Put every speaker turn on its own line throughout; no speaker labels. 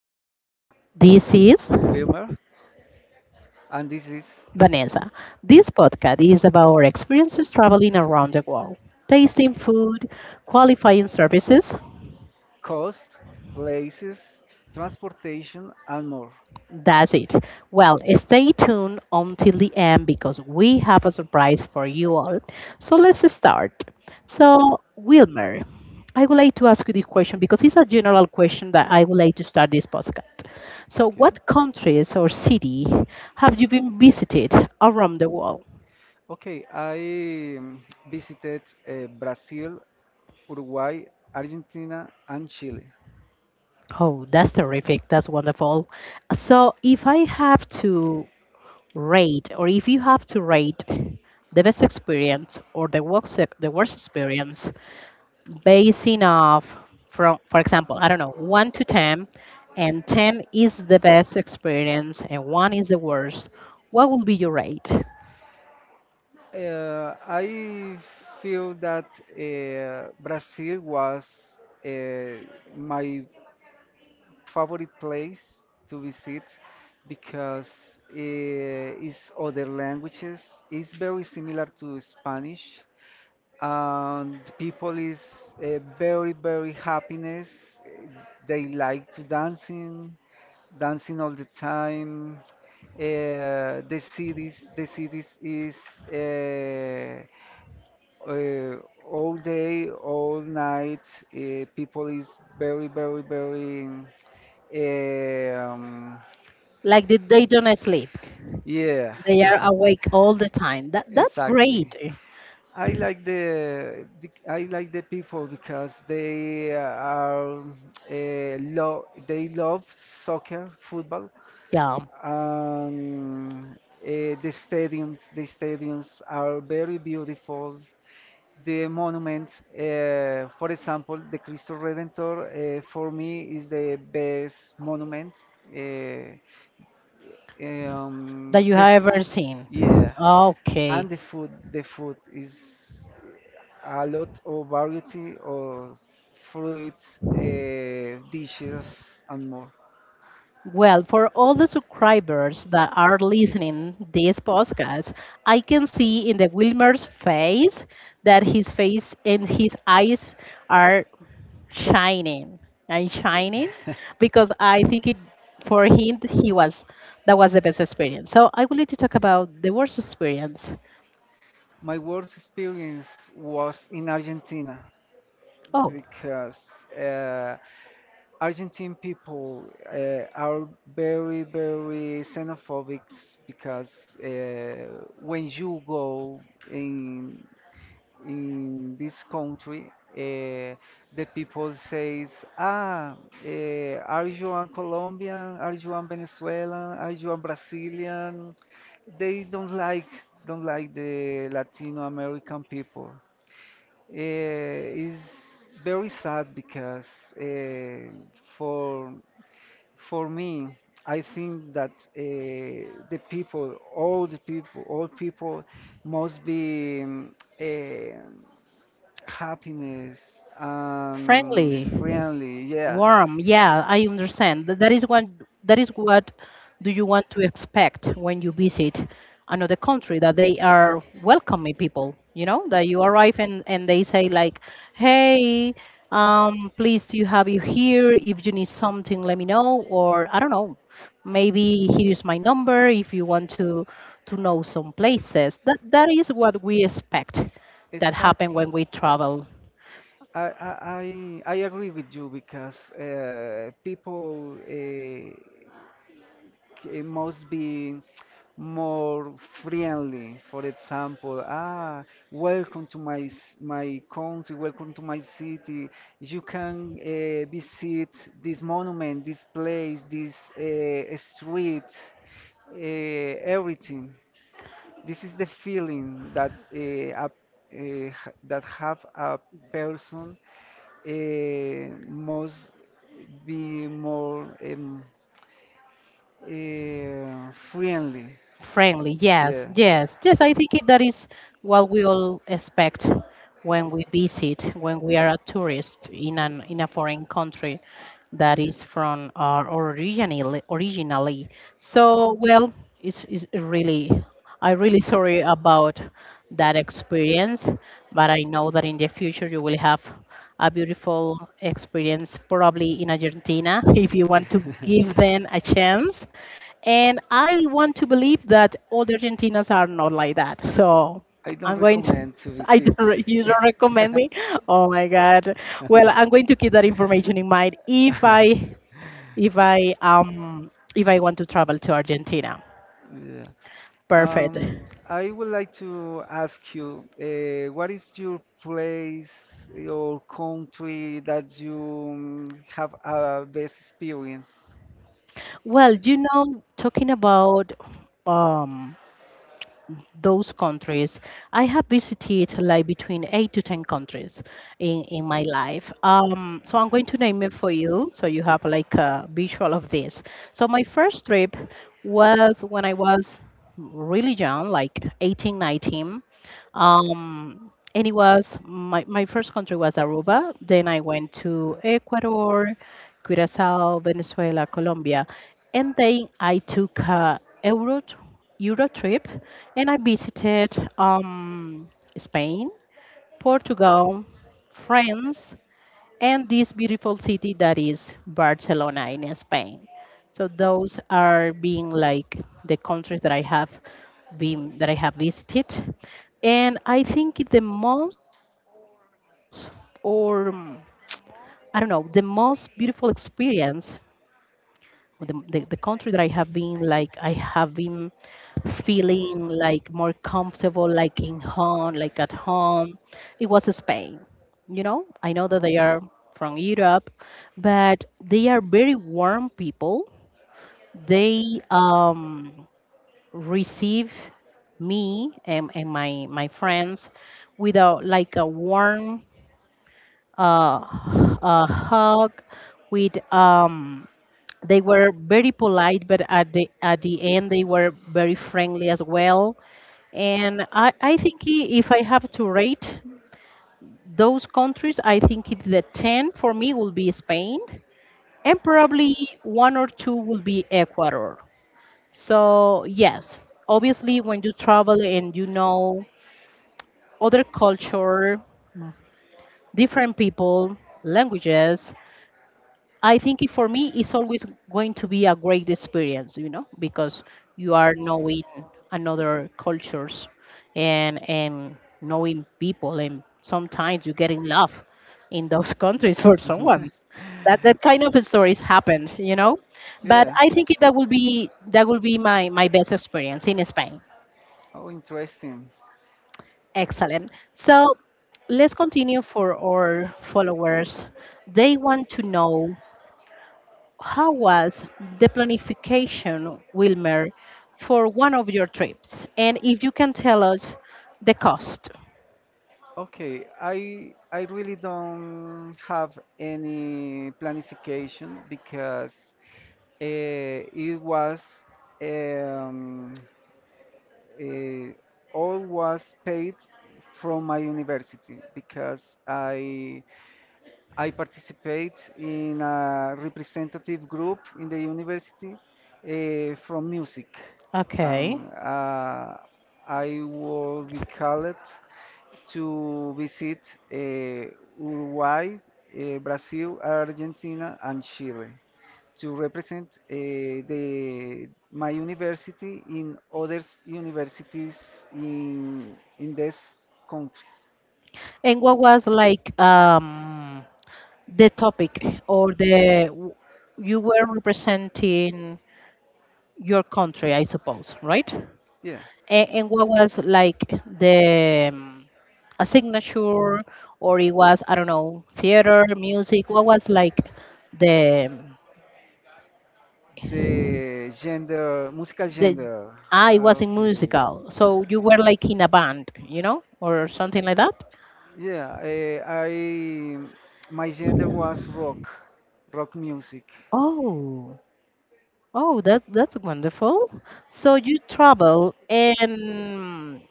Travelers. This is
Wilmer, and this is
Vanessa. This podcast is about our experiences traveling around the world, tasting food, qualifying services.
cost, places, transportation, and more.
That's it. Well, stay tuned until the end because we have a surprise for you all. So let's start. So, Wilmer, I would like to ask you this question because it's a general question that I would like to start this podcast. So, what countries or city have you been visited around the world?
Okay, I visited Brazil, Uruguay, Argentina, and Chile.
Oh, that's terrific. That's wonderful. So, if I have to rate, or if you have to rate the best experience or the worst, the worst experience basing off from, for example, I don't know, 1 to 10, and 10 is the best experience and 1 is the worst. What will be your rate?
I feel that Brazil was uh, my favorite place to visit because it's other languages. Is very similar to Spanish, and people is very, very happiness. Eh, They like to dancing, dancing all the time. The cities is eh, uh, all day, all night. People is very, very, very. Eh, Um,
Like, the, they don't sleep,
yeah,
they are awake all the time. That's
exactly.
great.
I like the people because they are lo they love soccer, football,
Yeah,
and the stadiums are very beautiful. The monuments, for example, the Cristo Redentor, for me is the best monument. Uh, Um,
that you
the
have
f-
ever seen.
yeah,
Okay.
and the food. The food is a lot of variety of fruits, dishes, and more.
Well, for all the subscribers that are listening this podcast, I can see in the Wilmer's face that his face and his eyes are shining and shining, because I think it for him, he was, that was the best experience. So I would like to talk about the worst experience.
My worst experience was in Argentina
Oh,
because uh, Argentine people are very, very xenophobic because uh, when you go in in this country, the people says, "Ah, are you a Colombian? Are you a Venezuelan? Are you a Brazilian?" They don't like the Latino American people. It's very sad because eh, for for me, I think that the people, all people must be happiness and
friendly,
friendly. Yeah,
warm, yeah, I understand. That is one, that is what do you want to expect when you visit another country, that they are welcoming people, you know, that you arrive and they say like, hey, pleased to have you here. If you need something, let me know, or I don't know, maybe here's my number if you want to know some places. That, that is what we expect that happen
exactly.
when we travel.
I agree with you because people must be more friendly. For example, welcome to my country, welcome to my city. You can visit this monument, this place, this street, everything. This is the feeling that that have a person uh, must be more friendly.
Friendly. Yes,
Yeah.
yes, yes. That is what we all expect when we visit, when we are a tourist in an in a foreign country, that
Yeah.
is from our originally. So well, it's really, I am really sorry about that experience, but I know that in the future you will have a beautiful experience, probably in Argentina, if you want to
I
give them a chance. And I want to believe that all the Argentinas are not like that. So
don't
I'm going to.
recommend to
I
visit.
don't. You don't recommend me? Oh my God. Well, I'm going to keep that information in mind if I um, if I want to travel to Argentina.
Yeah.
Perfect.
I would like to ask you, what is your place or country that you have a best experience?
Well, you know, talking about um, those countries. I have visited like between eight to 10 countries in my life. So I'm going to name it for you so you have like a visual of this. So my first trip was when I was really young, like 18, 19. And my first country was Aruba. Then I went to Ecuador, Curacao, Venezuela, Colombia. And then I took a Euro, Euro trip and I visited Spain, Portugal, France, and this beautiful city that is Barcelona in Spain. So those are being like the countries that I have visited. And I think the most or I don't know, the most beautiful experience, or the, the country that I have been feeling like more comfortable, like in home, like at home. It was Spain. You know, I know that they
Okay.
are from Europe, but they are very warm people. They receive me and my friends with a like a warm uh, hug. With they were very polite, but at the end they were very friendly as well. And I think if I have to rate those countries, the 10 for me will be Spain, and probably one or two will be Ecuador. So, yes, obviously, when you travel and you know other culture, different people, languages, for me, it's always going to be a great experience, you know, because you are knowing another cultures and knowing people, and sometimes you get in love in those countries for someone's. That, that kind of stories happen, you know.
And
But
yeah.
I think that will be my best experience in Spain.
Oh, interesting.
Excellent. So let's continue. For our followers, they want to know, how was the planification, Wilmer, for one of your trips? And if you can tell us the cost.
Okay, I really don't have any planification because eh, it was um, eh, all was paid from my university because I participate in a representative group in the university from music.
Okay.
Um, uh, I will be called to visit uh, Uruguay, Brazil, Argentina, and Chile to represent the my university in other universities in these countries.
And what was like the topic or you were representing your country, I suppose, right?
Yeah,
And what was like the a signature, or it was, I don't know, theater, music. What was like the um,
the gender, musical
the,
gender.
I was in
Okay.
musical, so you were like in a band, you know, or something like that.
Yeah, I my gender was rock, rock music.
Oh, oh, that, that's wonderful. So you travel and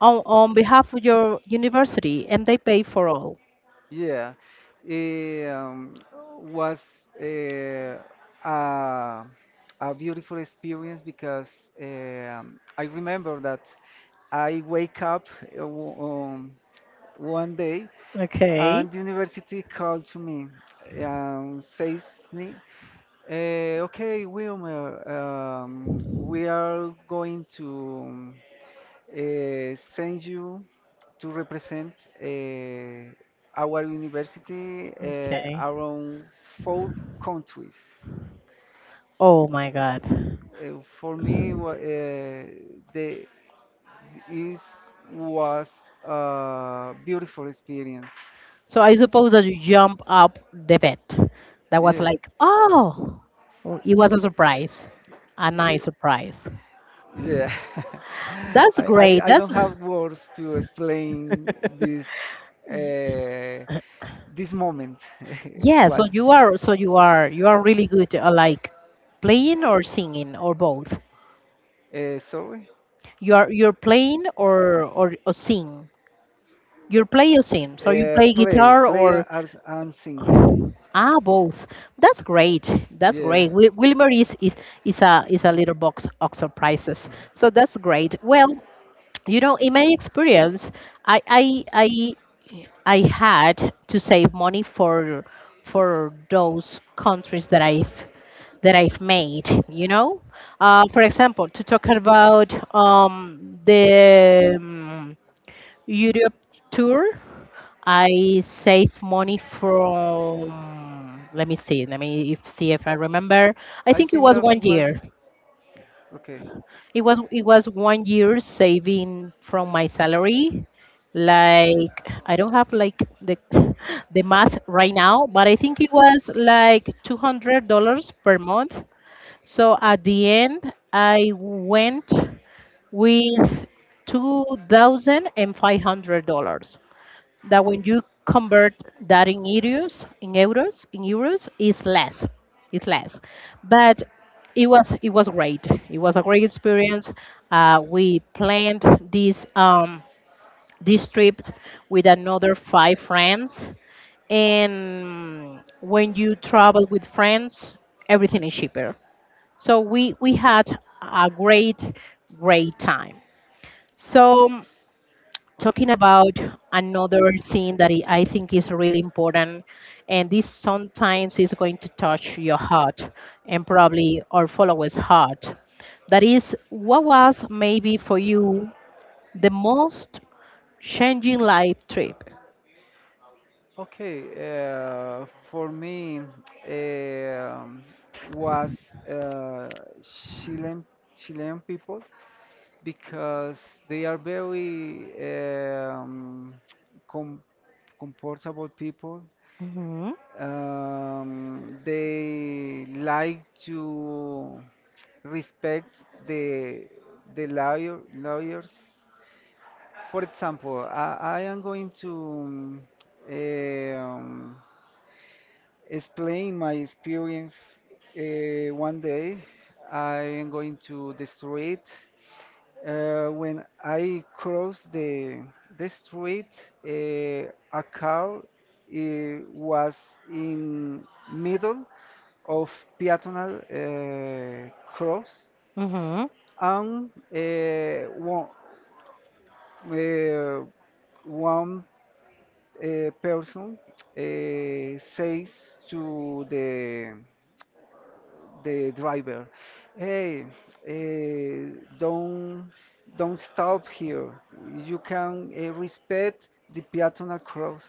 on behalf of your university, and they pay for all.
Yeah, it was uh, a, a beautiful experience because I remember that I wake up uh, w- um, one day
Okay,
and the university called to me and says me, "Okay, Wilmer, we are going to send you." To represent uh, our university
okay.
around four countries.
Oh my God.
For me, wa- the is was a beautiful experience.
So I suppose that you jump up the bed. That was
Yeah,
like, oh, oh, it was a surprise, a
yeah,
nice surprise.
yeah.
That's
I, I
great.
I
That's,
don't have words to explain this uh, this moment.
yeah, so
Was
you are really good at like playing or singing or both.
sorry.
You're playing or or sing. You're play or sing. So you play
Play,
guitar
play
or,
as and sing.
ah, both. That's great. That's
Yeah.
great. Wilmer is is a, is a little box of surprises. So that's great. Well, you know, in my experience, i i i I had to save money for those countries that I've made, you know, for example, to talk about the Europe tour, I save money from, let me see, let me if, see if I remember, I
I
think it
think
was
that
one
was
year
okay.
It was, it was 1 year saving from my salary. Like, I don't have like the the math right now, but I think it was like $200 per month. So at the end, I went with $2,500, that when you convert that in euros, in euros, is less. It's less, but it was, it was great. It was a great experience. We planned this um, this trip with another five friends, and when you travel with friends, everything is cheaper. So we had a great, great time. So
Okay.
talking about another thing that I think is really important, and this sometimes is going to touch your heart and probably our followers' heart. That is, what was maybe for you the most changing life trip?
Okay. For me, um was uh, Chilean Chilean people. Because they are very um, com- comfortable people.
Hmm.
They like to respect the lawyers. For example, I am going to um, explain my experience. One day, I am going to the street. When I crossed the street, a car was in middle of peatonal cross,
Hmm.
and one uh, one person says to the driver, "Hey, eh, don't don't stop here. You can respect the peatonal cross."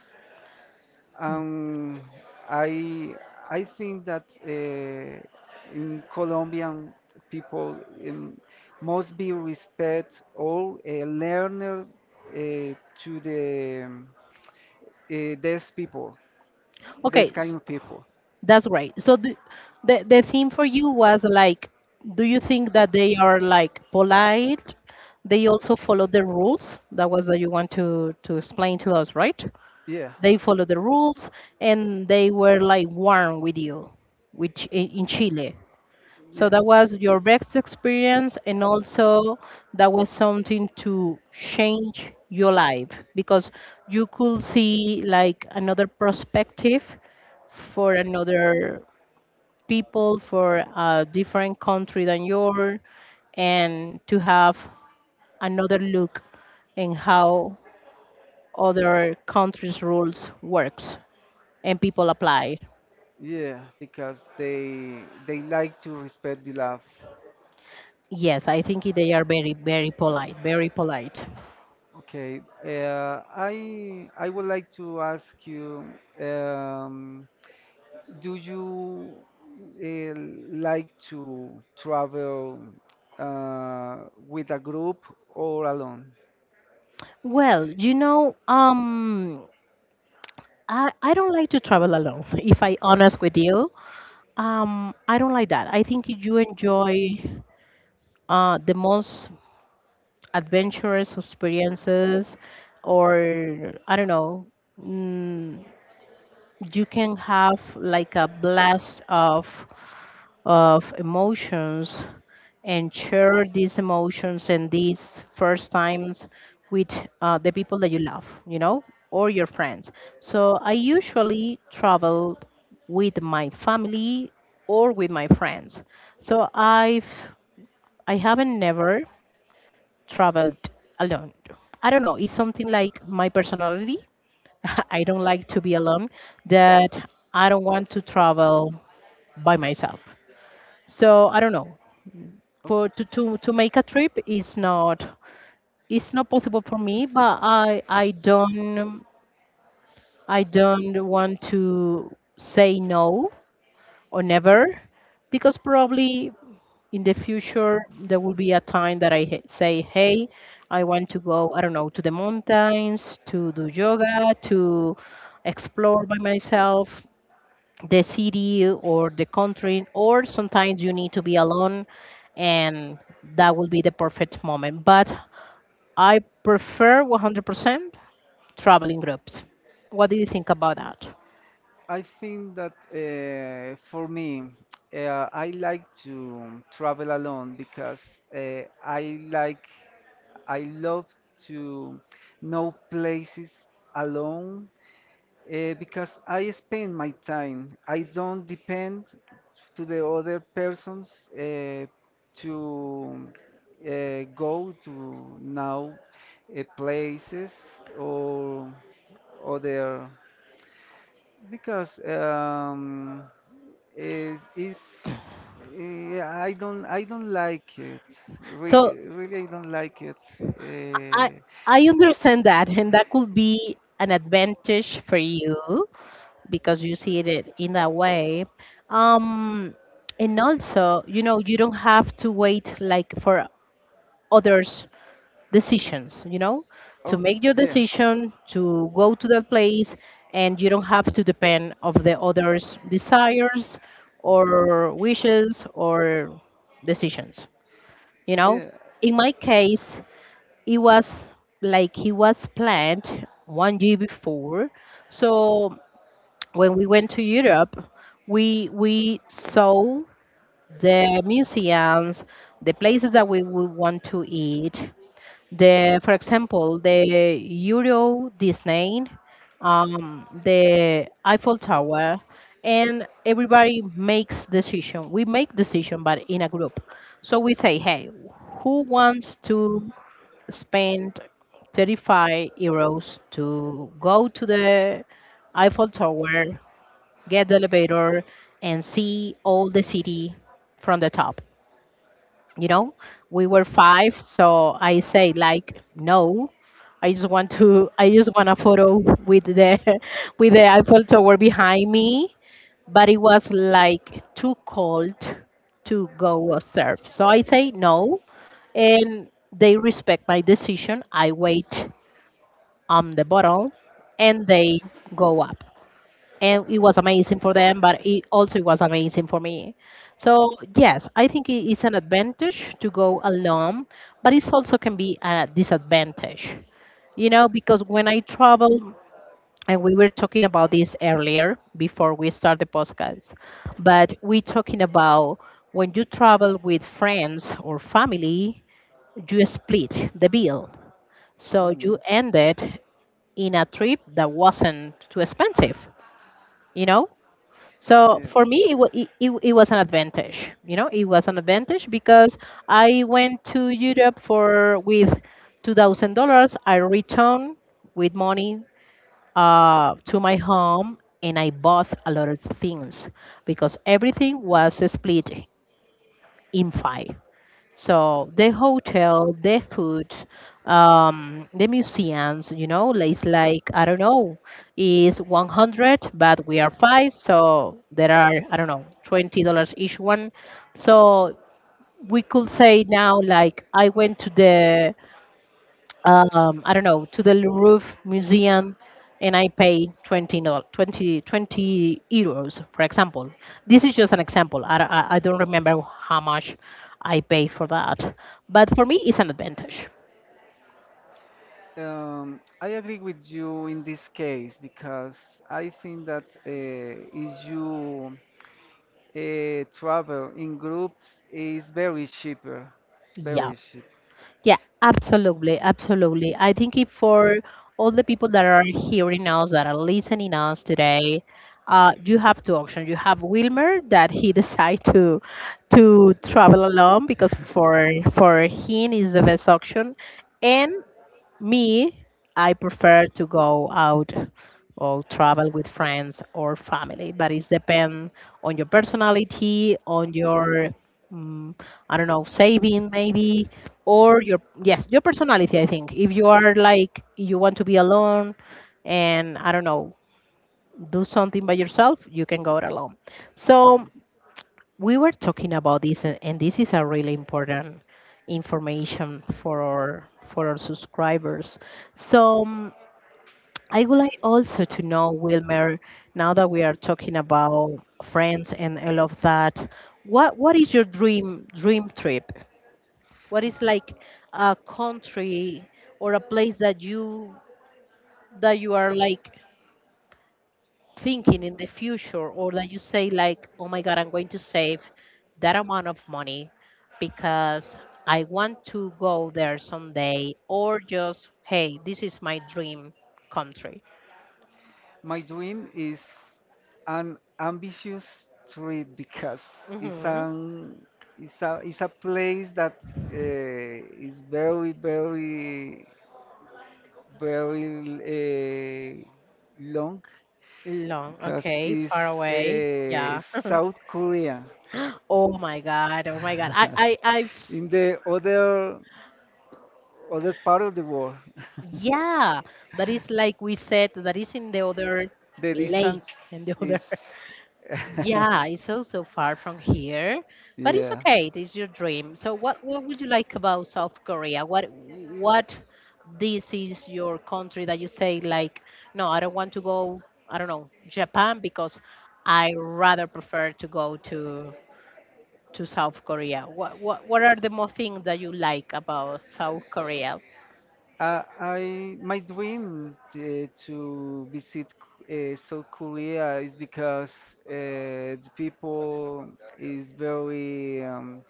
Um, I I think that in Colombian people um, must be respect all learner eh, to the these people, these
Okay,
kind
s-
of people.
That's great. So the theme for you was like, do you think that they are like polite? They also follow the rules. That was that you want to explain to us, right?
Yeah.
They follow the rules and they were like warm with you, which in Chile. So
Yes.
that was your best experience, and also that was something to change your life, because you could see like another perspective for another people, for a different country than yours, and to have another look in how other countries rules works and people apply.
Yeah, because they like to respect the love.
Yes, I think they are very, very polite, very polite.
Okay, I would like to ask you, um, do you uh, like to travel with a group or alone?
Well, you know, I don't like to travel alone if I honest with you. I don't like that. I think you enjoy the most adventurous experiences, or I don't know, mm, you can have like a blast of emotions and share these emotions and these first times with the people that you love, you know, or your friends. So I usually travel with my family or with my friends. so i've I haven't never traveled alone. I don't know. It's something like my personality. I don't like to be alone, that I don't want to travel by myself. So I don't know. To
It.
make a trip is not, it's not possible for me, but I don't, I don't want to say no or never, because probably in the future there will be a time that say, hey, I want to go, I don't know, to the mountains, to do yoga, to explore by myself the city or the country, or sometimes you need to be alone, and that will be the perfect moment. But I prefer 100% traveling groups. What do you think about that?
I think that for me, I like to travel alone because uh, I like, I love to know places alone because I spend my time. I don't depend to the other persons uh, to go to now places or other because. Is is I don't like it. Re
So
Really, I don't like it.
i
Eh,
I understand that, and that could be an advantage for you because you see it in that way. Um, and also, you know, you don't have to wait like for others' decisions, you know, to
oh,
make your
yeah,
decision to go to that place, and you don't have to depend of the others' desires or wishes or decisions, you know.
yeah,
In my case, it was like he was planned 1 year before, so when we went to Europe, we saw the museums, the places that we would want to eat. For example, the Euro Disney, the Eiffel Tower, and everybody makes decision. We make decision, but in a group. So we say, hey, who wants to spend 35 euros to go to the Eiffel Tower, get the elevator, and see all the city from the top. You know, we were five, so I say like no. I just want to. I just want a photo with the with the Eiffel Tower behind me. But it was like too cold to go surf, so I say no, and they respect my decision. I wait on the bottle, and they go up, and it was amazing for them, but it also was amazing for me. So yes, I think it is an advantage to go alone, but it also can be a disadvantage, because when I travel, and we were talking about this earlier before we start the podcast, but we're talking about when you travel with friends or family, you split the bill, so you
mm,
ended in a trip that wasn't too expensive you know So
yeah.
for me, it, wa- it was an advantage. You know, it was an advantage because I went to Europe for with $2,000. I returned with money to my home, and I bought a lot of things because everything was split in five. So the hotel, the food, the museums, it's like, I don't know, is 100, but we are five, so there are, I don't know, $20 each one. So we could say now, like, I went to the I don't know, to the Louvre Museum, and I pay 20, 20, twenty euros, for example. This is just an example. I don't remember how much I pay for that. But for me, it's an advantage.
I agree with you in this case because I think that if you travel in groups, it's very cheaper. It's
Yeah.
very cheap.
Yeah, absolutely, absolutely. I think if for all the people that are hearing us, that are listening us today, you have two options. You have Wilmer that he decide to travel alone, because for him is the best option, and me, I prefer to go out or travel with friends or family, but it depends on your personality, on your mm I don't know, saving maybe, or your yes, your personality. I think if you are like you want to be alone, and I don't know, do something by yourself, you can go it alone.
Yeah.
So we were talking about this, and this is a really important information for our subscribers, so I would like also to know, Wilmer, now that we are talking about friends and all of that, what is your dream trip? What is like a country or a place that you are like thinking in the future, or that you say like, oh my god, I'm going to save that amount of money because I want to go there someday, or just, hey, this is my dream country.
My dream is an ambitious trip because it's
Hmm.
an it's a place that is very, very, very long
Long.
because
Okay, far
it's
away.
uh,
Yeah.
South Korea.
Oh my god, oh my god, I've.
In the other part of the world.
Yeah, that is, like we said, that is in the other
The
lake,
distance
and the
is.
other.
Yeah,
Yeah, it's also far from here, but it's
yeah.
okay. It is your dream. So, what would you like about South Korea? What, this is your country that you say like, no, I don't want to go. I don't know Japan because I rather prefer to go to South Korea. What are the more things that you like about South Korea?
I My dream to visit South Korea is because the people is very um,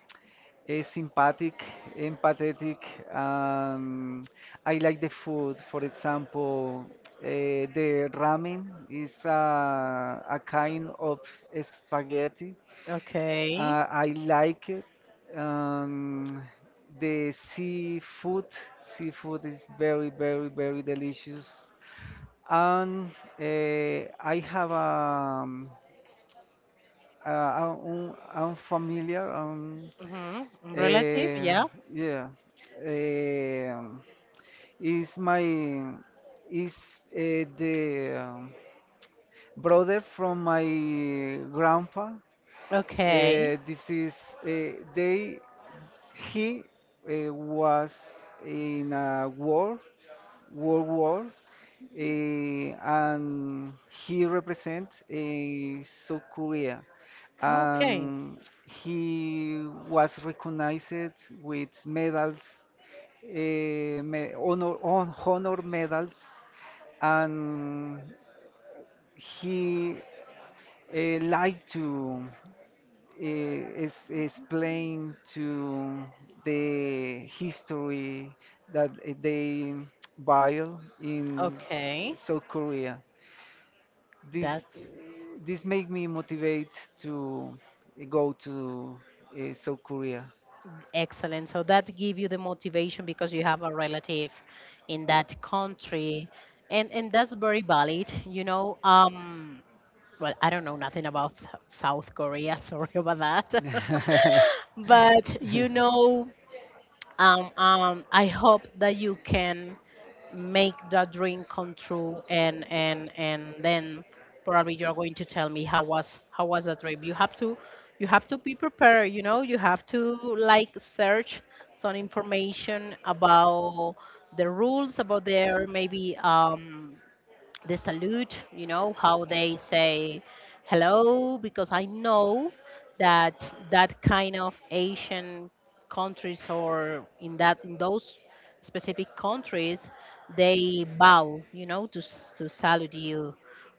eh, sympathetic, empathetic, and I like the food. For example, the ramen is a kind of spaghetti.
Okay.
I like it. Um, the seafood, Seafood is very, very, very delicious. And I have uh, unfamiliar,
Mm-hmm. Relative,
Eh,
yeah.
yeah. Eh, is my is the brother from my grandpa.
Okay.
This is they He was in a war world war, and he represents South Korea,
Okay.
and he was recognized with medals, honor medals, and he liked to explain to the history that they build in
Okay,
South Korea. This
that's
this made me motivate to go to South Korea.
excellent. So that give you the motivation because you have a relative in that country, and that's very valid. You know, well, I don't know nothing about South Korea. Sorry about that. But you know, I hope that you can make that dream come true, and then probably you're going to tell me how was that dream. You have to be prepared. You know, you have to like search some information about the rules, about their, maybe, the salute, you know, how they say hello, because I know that that kind of Asian countries, or in that, in those specific countries, they bow, you know, to to salute you.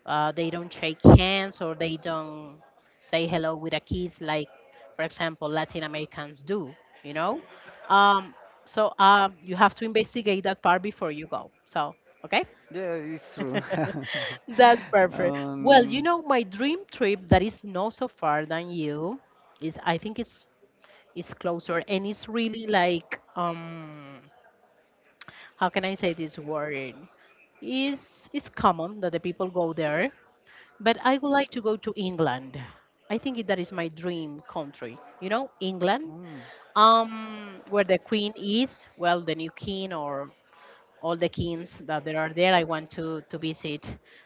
They don't shake hands, or they don't say hello with a kiss, like, for example, Latin Americans do, you know. Um, so you have to investigate that part before you go. So okay.
Yeah, it's true.
That's
you
perfect. Well,
um,
you know, my dream trip that is not so far than you is, I think it's closer, and it's really like, how can I say this word? Is, it's common that the people go there, but I would like to go to England. I think that is my dream country. You know, England.
Yes.
Where the queen is, well, the new king or all the kings that there are there. I want to visit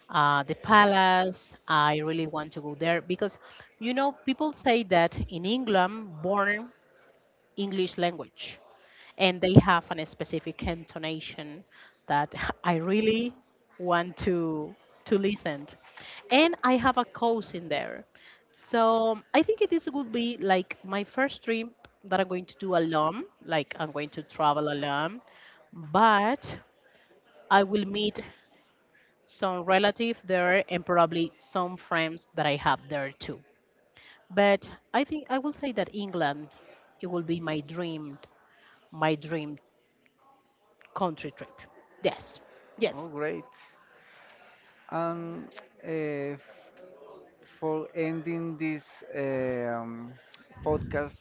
the palace. I really want to go there because, you know, people say that in England, born English language, and they have an specific intonation that I really want to listen. And I have a cousin there, so I think this would be like my first trip that I'm going to do alone. Like I'm going to travel alone, but I will meet some relative there, and probably some friends that I have there too. But I think I will say that England, it will be my dream my dream country trip. Yes.
Oh,
Yes.
great. And uh, for ending this um, podcast,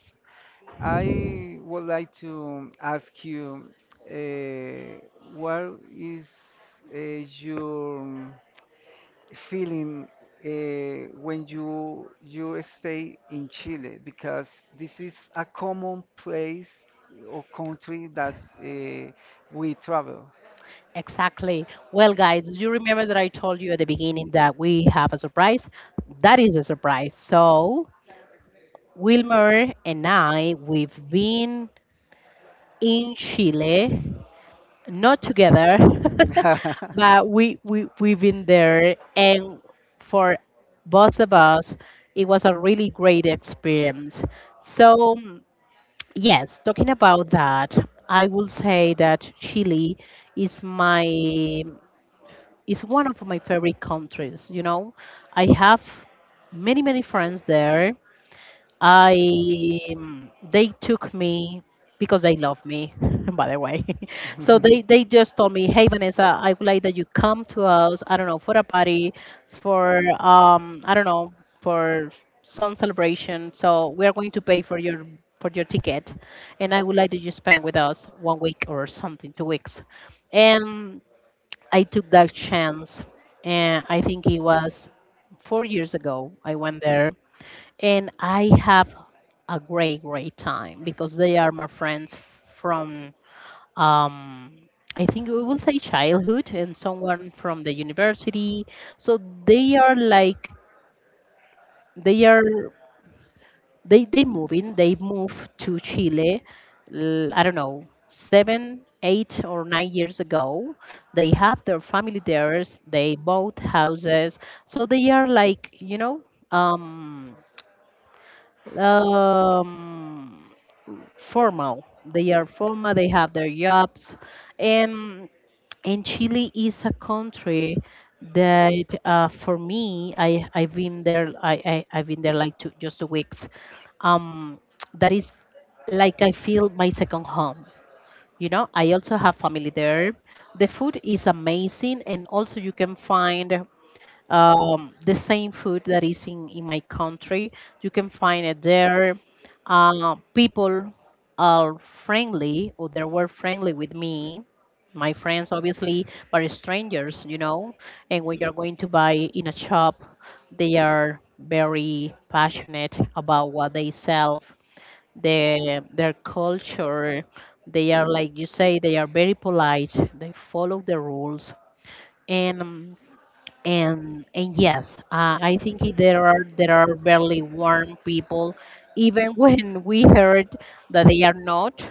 I would like to ask you uh, what is uh, your feeling when you stay in Chile, because this is a common place or country that we travel.
Exactly. Well guys, you remember that I told you at the beginning that we have a surprise? That is a surprise. So Wilmer and I, we've been in Chile not together, but we, we've been there, and for both of us, it was a really great experience. So yes, talking about that, I will say that Chile is my is one of my favorite countries. You know, I have many many friends there. I They took me because they love me, by the way. So they just told me, "Hey Vanessa, I would like that you come to us. I don't know, for a party, for I don't know, for some celebration. So we are going to pay for your ticket, and I would like that you spend with us one week or something, 2 weeks." And I took that chance, and I think it was 4 years ago. I went there and I have a great, great time because they are my friends from, um, I think we will say childhood, and someone from the university. So they are like, they are, they moving. They move to Chile. I don't know 7, 8, or 9 years ago. They have their family there. They bought houses, so they are like, um um formal. They are formal. They have their jobs, and Chile is a country that, for me, I've been there. I've been there like 2 weeks. Um, that is like, I feel my second home. You know, I also have family there. The food is amazing, and also you can find the same food that is in, my country. You can find it there. People are friendly, or they were friendly with me, my friends, obviously, but strangers, you know. And when you're going to buy in a shop, they are very passionate about what they sell, their, culture. They are, like you say, they are very polite, they follow the rules. And and yes, I think, there are barely warm people, even when we heard that they are not.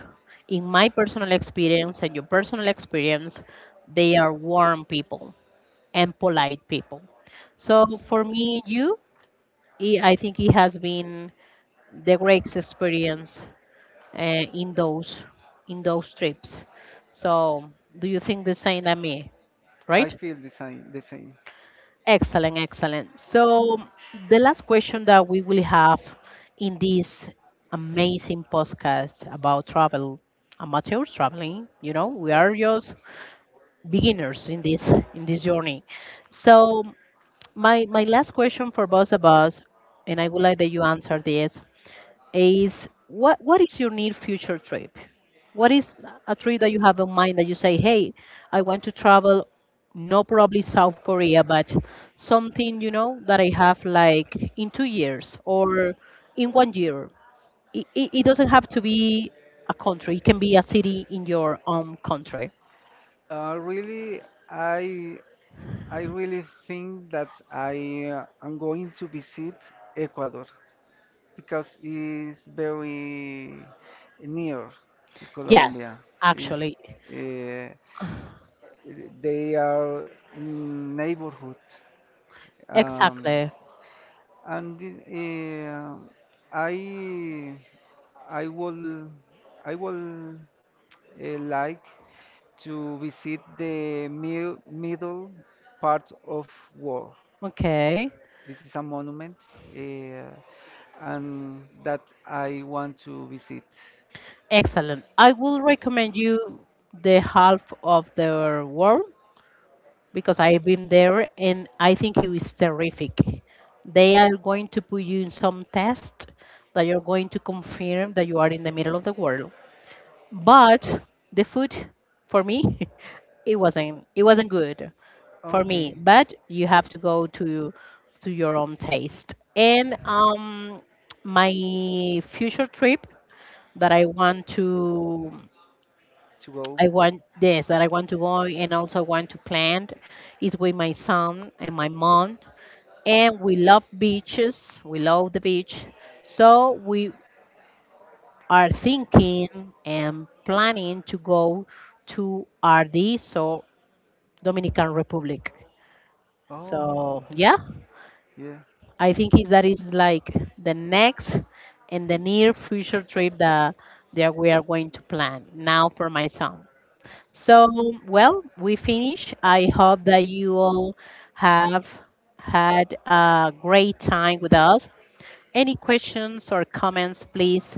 In my personal experience and your personal experience, they are warm people and polite people. So for me and you, I think it has been the greatest experience in those trips. So do you think the same as me,
I
right?
feel the same. The same.
Excellent, excellent. So, the last question that we will have in this amazing podcast about travel, amateur traveling, we are just beginners in this journey. So, my last question for both of us, and I would like that you answer this is, what is your near future trip? What is a trip that you have in mind that you say, hey, I want to travel, no probably South Korea, but something, that I have like in 2 years or in one year. It doesn't have to be a country; it can be a city in your own country.
Really, I I really think that I am going to visit Ecuador. Because it's very near to, yes,
Yes,
Colombia. Is
actually,
uh, they are in neighborhood. Um,
exactly.
Exactly. And I I will I will like to visit the mi middle part of war.
Okay.
This is a monument, uh, and that I want to visit.
Excellent. I will recommend you the half of the world because I've been there, and I think it is terrific. They are going to put you in some test that you're going to confirm that you are in the middle of the world, but the food for me it wasn't good
Okay.
for me,
Okay.
but you have to go to your own taste. And my future trip that
To go.
I want to go, and also want to plan, is with my son and my mom. And we love beaches, we love the beach, so we are thinking and planning to go to RD, so Dominican Republic.
Oh,
So yeah,
yeah.
I think is that is like the next and the near future trip that we are going to plan now for my son. So well, we finish. I hope that you all have had a great time with us. Any questions or comments, please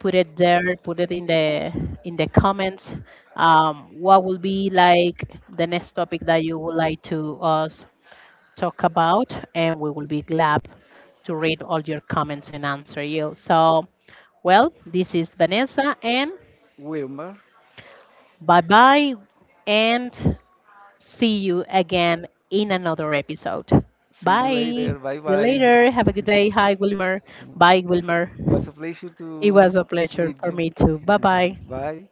put it there, put it in the, comments. What will be like the next topic that you would like to us talk about, and we will be glad to read all your comments and answer you. So well, this is Vanessa and,
Wilmer,
bye bye, and see you again in another episode. Bye, see
later.
you
Bye.
later, have a good day. Hi Wilmer. Bye
Wilmer.
Wilmer.
Was a pleasure. It
It
to
was a pleasure for me too, bye bye.
Bye.